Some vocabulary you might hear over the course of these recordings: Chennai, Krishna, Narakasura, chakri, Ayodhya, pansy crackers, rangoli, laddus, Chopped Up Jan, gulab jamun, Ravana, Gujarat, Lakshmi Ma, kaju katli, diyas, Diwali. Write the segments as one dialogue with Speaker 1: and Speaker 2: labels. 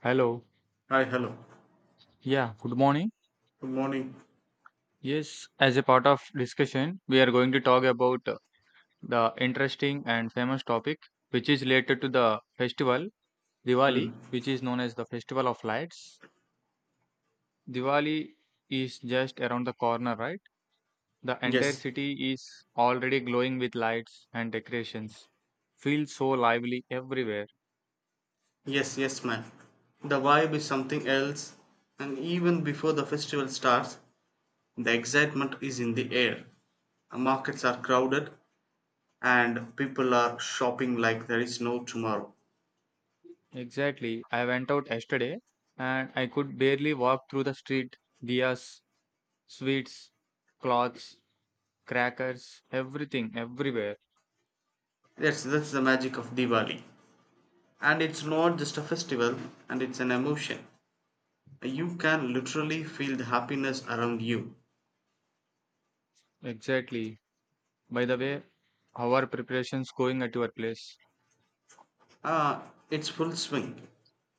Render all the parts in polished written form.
Speaker 1: Hello.
Speaker 2: Hi, hello.
Speaker 1: Yeah, good morning.
Speaker 2: Good morning.
Speaker 1: Yes, as a part of discussion, we are going to talk about the interesting and famous topic which is related to the festival Diwali,
Speaker 2: Mm.
Speaker 1: which is known as the Festival of Lights. Diwali is just around the corner, right? The entire
Speaker 2: Yes,
Speaker 1: city is already glowing with lights and decorations. Feels so lively everywhere.
Speaker 2: yes, ma'am. The vibe is something else, and even before the festival starts, the excitement is in the air. Markets are crowded, and people are shopping like there is no tomorrow.
Speaker 1: Exactly. I went out yesterday and I could barely walk through the street. Diyas, sweets, cloths, crackers, everything, everywhere.
Speaker 2: That's the magic of Diwali, and it's not just a festival, and it's an emotion. You can literally feel the happiness around you.
Speaker 1: Exactly. By the way, how are preparations going at your place?
Speaker 2: Ah, it's full swing.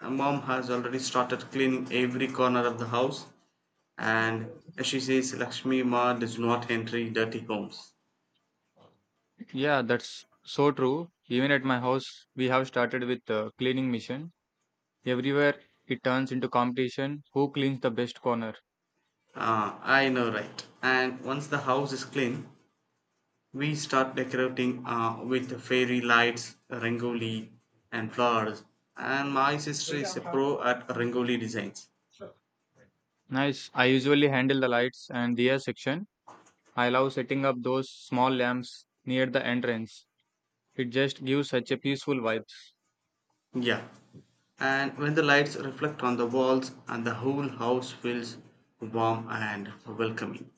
Speaker 2: Mom has already started cleaning every corner of the house, and she says Lakshmi Ma does not enter dirty homes.
Speaker 1: Yeah, that's so true. Even at my house, we have started with the cleaning mission. Everywhere it turns into competition who cleans the best corner.
Speaker 2: Ah, I know, right? And once the house is clean, we start decorating with fairy lights, rangoli, and flowers. And my sister is a pro at rangoli designs.
Speaker 1: Nice. I usually handle the lights and the section. I love setting up those small lamps near the entrance. It just gives such a peaceful vibe.
Speaker 2: Yeah. And when the lights reflect on the walls, and the whole house feels warm and welcoming.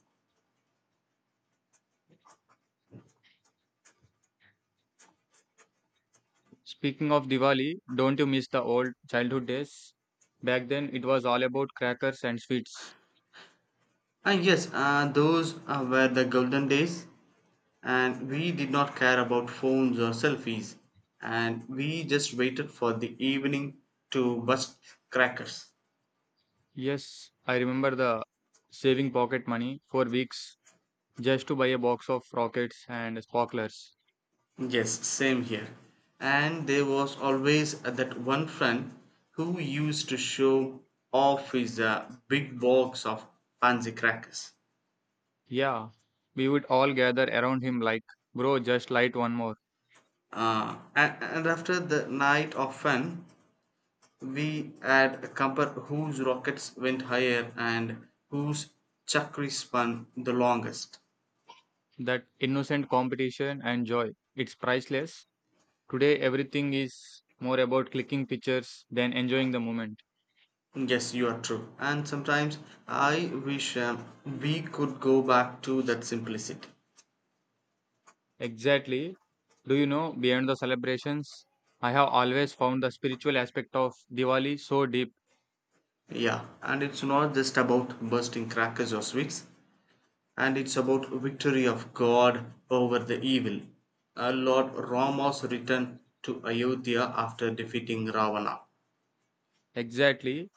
Speaker 1: Speaking of Diwali, don't you miss the old childhood days? Back then, it was all about crackers and sweets.
Speaker 2: Ah, yes, those were the golden days, and we did not care about phones or selfies, and we just waited for the evening to bust crackers.
Speaker 1: Yes, I remember the saving pocket money for weeks just to buy a box of rockets and sparklers.
Speaker 2: Yes, same here. And there was always that one friend who used to show off his big box of pansy crackers.
Speaker 1: Yeah, we would all gather around him like, bro, just light one more.
Speaker 2: And after the night of fun, we had compared whose rockets went higher and whose chakri spun the longest.
Speaker 1: That innocent competition and joy, it's priceless. Today, everything is more about clicking pictures than enjoying the moment.
Speaker 2: Yes, you are true. And sometimes I wish we could go back to that simplicity.
Speaker 1: Exactly. Do you know, beyond the celebrations, I have always found the spiritual aspect of Diwali so deep.
Speaker 2: Yeah, and it's not just about bursting crackers or sweets, and it's about victory of God over the evil. Lord
Speaker 1: Mm.
Speaker 2: Rama's return to Ayodhya after defeating Ravana.
Speaker 1: Exactly.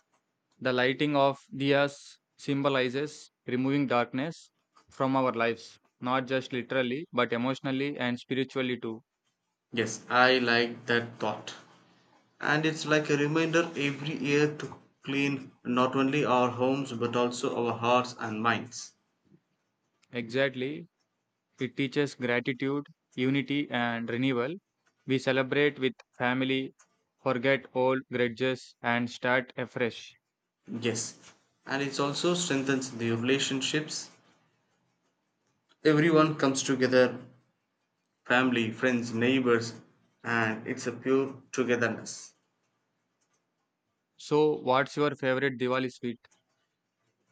Speaker 1: The lighting of diyas symbolizes removing darkness from our lives, not just literally, but emotionally and spiritually too.
Speaker 2: Yes, I like that thought. And it's like a reminder every year to clean not only our homes but also our hearts and minds.
Speaker 1: Exactly. It teaches gratitude, unity, and renewal. We celebrate with family, forget old grudges, and start afresh.
Speaker 2: Yes. And it also strengthens the relationships. Everyone comes together family, friends, neighbors, and it's a pure togetherness.
Speaker 1: So, what's your favorite Diwali sweet?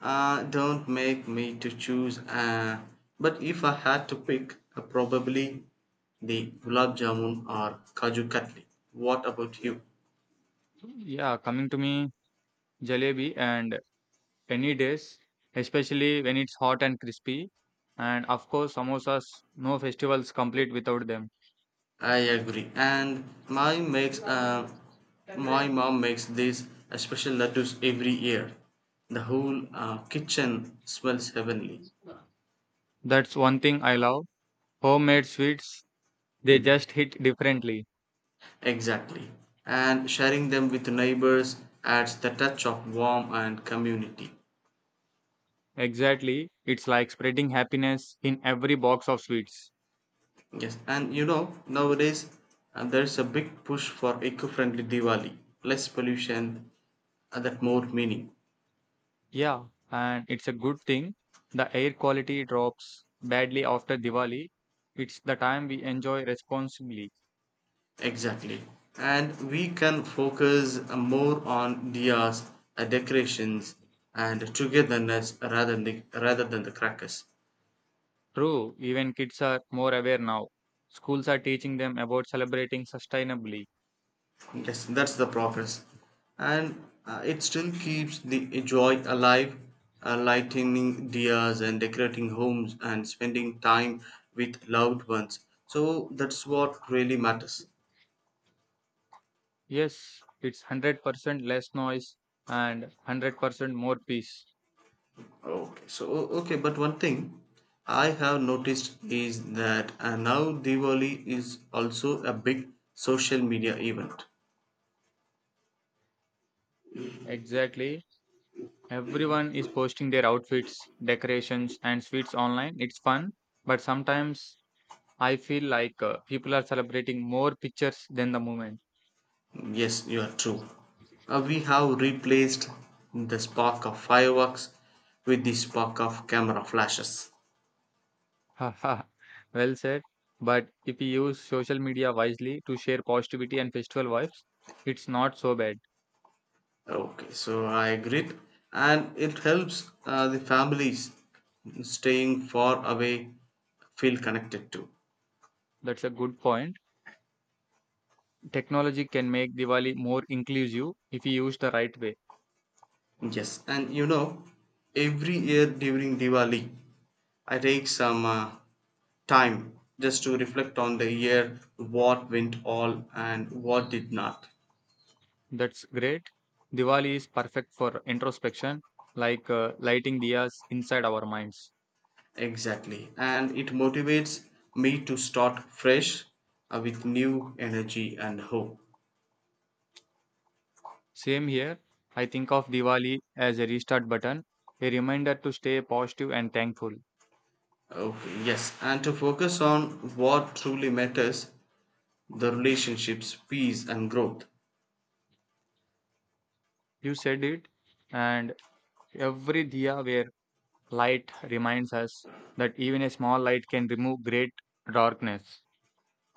Speaker 2: Don't make me to choose, but if I had to pick, probably the gulab jamun or kaju katli. What about you?
Speaker 1: Yeah, coming to me, jalebi and any days, especially when it's hot and crispy. And of course, samosas, no festivals complete without them.
Speaker 2: I agree. And my mom makes this special laddus every year. The whole kitchen smells heavenly.
Speaker 1: That's one thing I love. Homemade sweets, they just hit differently.
Speaker 2: Exactly. And sharing them with neighbors adds the touch of warmth and community.
Speaker 1: Exactly. It's like spreading happiness in every box of sweets.
Speaker 2: Yes. And you know, nowadays there is a big push for eco-friendly Diwali. Less pollution, and that more meaning.
Speaker 1: Yeah, and it's a good thing. The air quality drops badly after Diwali. It's the time we enjoy responsibly.
Speaker 2: Exactly. And we can focus more on diyas, decorations, and togetherness rather than the crackers.
Speaker 1: True, even kids are more aware now. Schools are teaching them about celebrating sustainably.
Speaker 2: Yes, that's the progress. And it still keeps the joy alive, lightening diyas and decorating homes and spending time with loved ones. So that's what really matters.
Speaker 1: Yes, it's 100% less noise and 100% more peace.
Speaker 2: Okay, but one thing I have noticed is that now Diwali is also a big social media event.
Speaker 1: Exactly. Everyone is posting their outfits, decorations, and sweets online. It's fun, but sometimes I feel like people are celebrating more pictures than the moment.
Speaker 2: Yes, you are true. We have replaced the spark of fireworks with the spark of camera flashes.
Speaker 1: Haha, well said. But if we use social media wisely to share positivity and festival vibes, it's not so bad.
Speaker 2: Okay, so I agree, and it helps the families staying far away feel connected too.
Speaker 1: That's a good point. Technology can make Diwali more inclusive if you use the right way.
Speaker 2: Yes, and you know, every year during Diwali, I take some time just to reflect on the year, what went all and what did not.
Speaker 1: That's great. Diwali is perfect for introspection, like lighting diyas inside our minds.
Speaker 2: Exactly, and it motivates me to start fresh with new energy and hope.
Speaker 1: Same here. I think of Diwali as a restart button, a reminder to stay positive and thankful.
Speaker 2: Okay, yes, and to focus on what truly matters the relationships, peace, and growth.
Speaker 1: You said it, and every diya where light reminds us that even a small light can remove great darkness.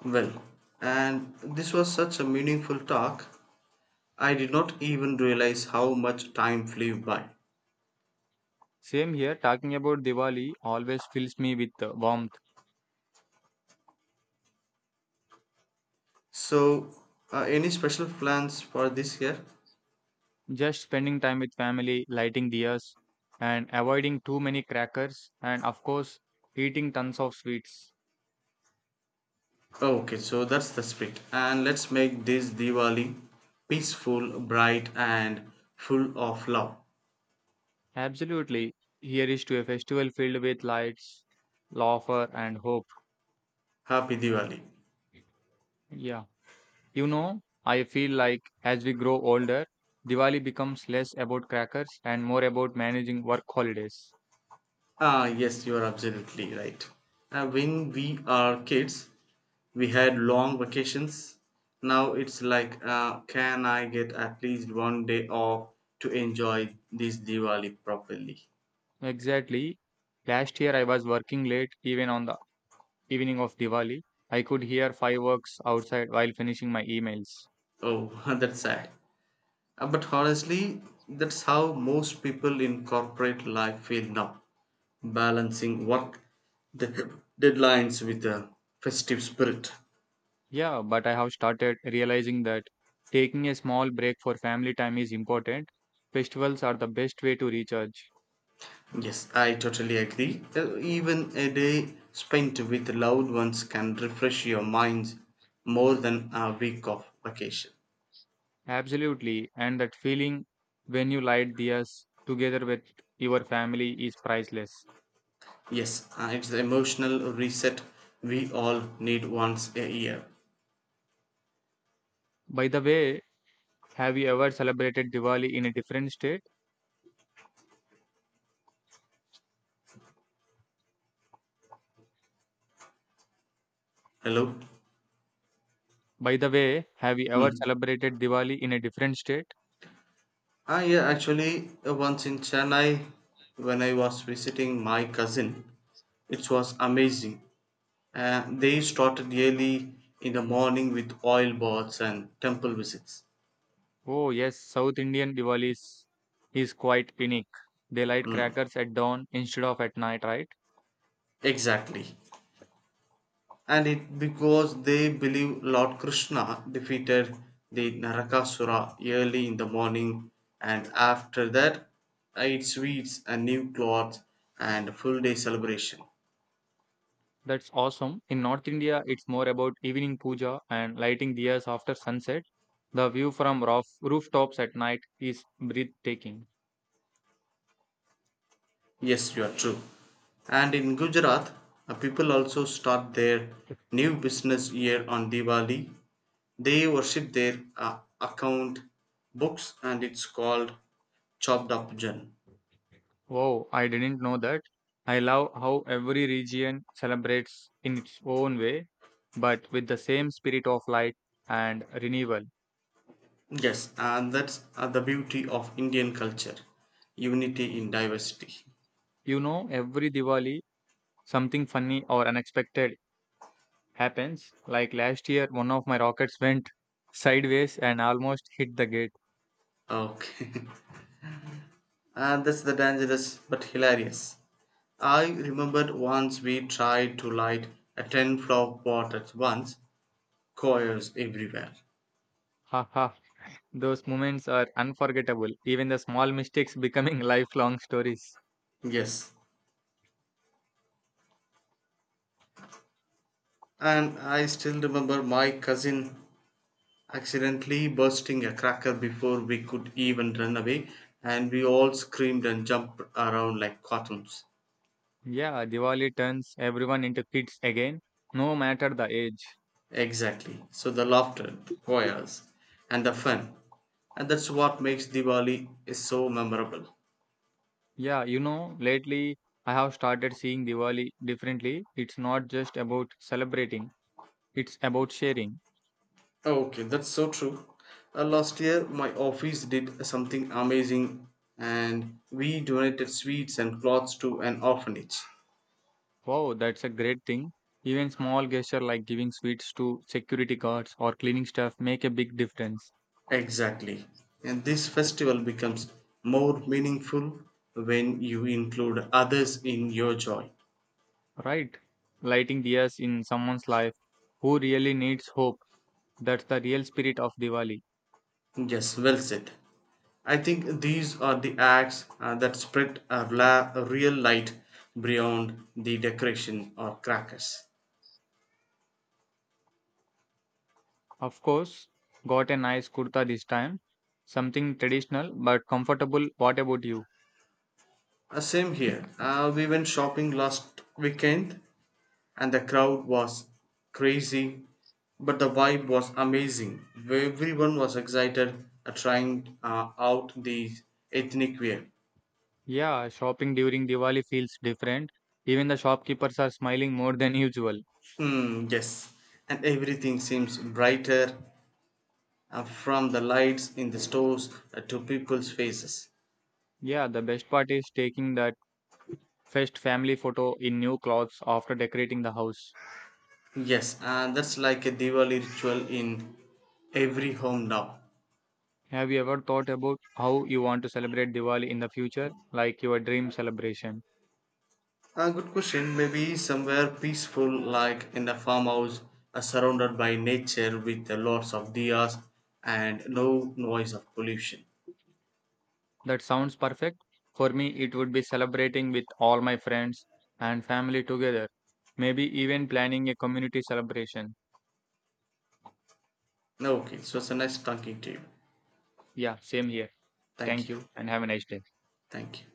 Speaker 2: Well, and this was such a meaningful talk. I did not even realize how much time flew by.
Speaker 1: Same here, talking about Diwali always fills me with warmth.
Speaker 2: So, any special plans for this year?
Speaker 1: Just spending time with family, lighting diyas, and avoiding too many crackers, and of course, eating tons of sweets.
Speaker 2: Oh, okay, so that's the spirit. And let's make this Diwali peaceful, bright, and full of love.
Speaker 1: Absolutely. Here is to a festival filled with lights, laughter, and hope.
Speaker 2: Happy Diwali.
Speaker 1: Yeah. You know, I feel like as we grow older, Diwali becomes less about crackers and more about managing work holidays.
Speaker 2: Ah, yes, you are absolutely right. When we are kids, we had long vacations. Now it's like, can I get at least one day off to enjoy this Diwali properly?
Speaker 1: Exactly. Last year I was working late even on the evening of Diwali. I could hear fireworks outside while finishing my emails.
Speaker 2: Oh, that's sad. But honestly, that's how most people in corporate life feel now. Balancing work, the deadlines with the festive spirit.
Speaker 1: Yeah, but I have started realizing that taking a small break for family time is important. Festivals are the best way to recharge.
Speaker 2: Yes, I totally agree. Even a day spent with loved ones can refresh your minds more than a week of vacation.
Speaker 1: Absolutely. And that feeling when you light diyas together with your family is priceless.
Speaker 2: Yes, it's the emotional reset we all need once a year.
Speaker 1: By the way, have you ever celebrated Diwali in a different state?
Speaker 2: Hello?
Speaker 1: By the way, have you ever
Speaker 2: Hmm.
Speaker 1: celebrated Diwali in a different state?
Speaker 2: Ah, yeah, actually, once in Chennai, when I was visiting my cousin, it was amazing. They started early in the morning with oil baths and temple visits.
Speaker 1: Oh, yes, South Indian Diwali is quite unique. They light
Speaker 2: Mm,
Speaker 1: crackers at dawn instead of at night, right?
Speaker 2: exactly. And it because they believe Lord Krishna defeated the Narakasura early in the morning, and after that, I ate sweets and new clothes and a full day celebration.
Speaker 1: That's awesome. In North India, it's more about evening puja and lighting diyas after sunset. The view from rooftops at night is breathtaking.
Speaker 2: Yes, you are true. And in Gujarat, people also start their new business year on Diwali. They worship their account books and it's called Chopped Up Jan.
Speaker 1: Wow, I didn't know that. I love how every region celebrates in its own way, but with the same spirit of light and renewal.
Speaker 2: Yes, and that's the beauty of Indian culture unity in diversity.
Speaker 1: You know, every Diwali, something funny or unexpected happens. Like last year, one of my rockets went sideways and almost hit the gate.
Speaker 2: Okay, and that's the dangerous but hilarious. I remembered once we tried to light a 10 flower pot at once, choirs everywhere.
Speaker 1: Those moments are unforgettable, even the small mistakes becoming lifelong stories.
Speaker 2: Yes. And I still remember my cousin accidentally bursting a cracker before we could even run away, and we all screamed and jumped around like cartoons.
Speaker 1: Yeah, Diwali turns everyone into kids again, no matter the age.
Speaker 2: Exactly. So the laughter, choirs, and the fun. And that's what makes Diwali is so memorable.
Speaker 1: Yeah, you know, lately I have started seeing Diwali differently. It's not just about celebrating, it's about sharing.
Speaker 2: Okay, that's so true. Last year, my office did something amazing, and we donated sweets and clothes to an orphanage.
Speaker 1: Wow, that's a great thing. Even small gesture like giving sweets to security guards or cleaning stuff make a big difference.
Speaker 2: Exactly. And this festival becomes more meaningful when you include others in your joy.
Speaker 1: Right. Lighting diyas in someone's life who really needs hope. That's the real spirit of Diwali.
Speaker 2: Yes, well said. I think these are the acts that spread a real light beyond the decoration or crackers.
Speaker 1: Of course, got a nice kurta this time. Something traditional but comfortable. What about you?
Speaker 2: Same here. We went shopping last weekend and the crowd was crazy but the vibe was amazing everyone was excited at trying out the ethnic wear
Speaker 1: Yeah, shopping during Diwali feels different. Even the shopkeepers are smiling more than usual.
Speaker 2: mm, yes and everything seems brighter from the lights in the stores to people's faces
Speaker 1: Yeah, the best part is taking that first family photo in new clothes after decorating the house.
Speaker 2: yes and that's like a diwali ritual in every home now.
Speaker 1: Have you ever thought about how you want to celebrate Diwali in the future, like your dream celebration?
Speaker 2: A good question. Maybe somewhere peaceful, like in a farmhouse, surrounded by nature with lots of diyas and no noise of pollution.
Speaker 1: That sounds perfect. For me, it would be celebrating with all my friends and family together. Maybe even planning a community celebration.
Speaker 2: Okay, so it's a nice talking to you.
Speaker 1: Yeah, same here.
Speaker 2: Thank
Speaker 1: Thank
Speaker 2: you.
Speaker 1: you and have a nice day.
Speaker 2: Thank you.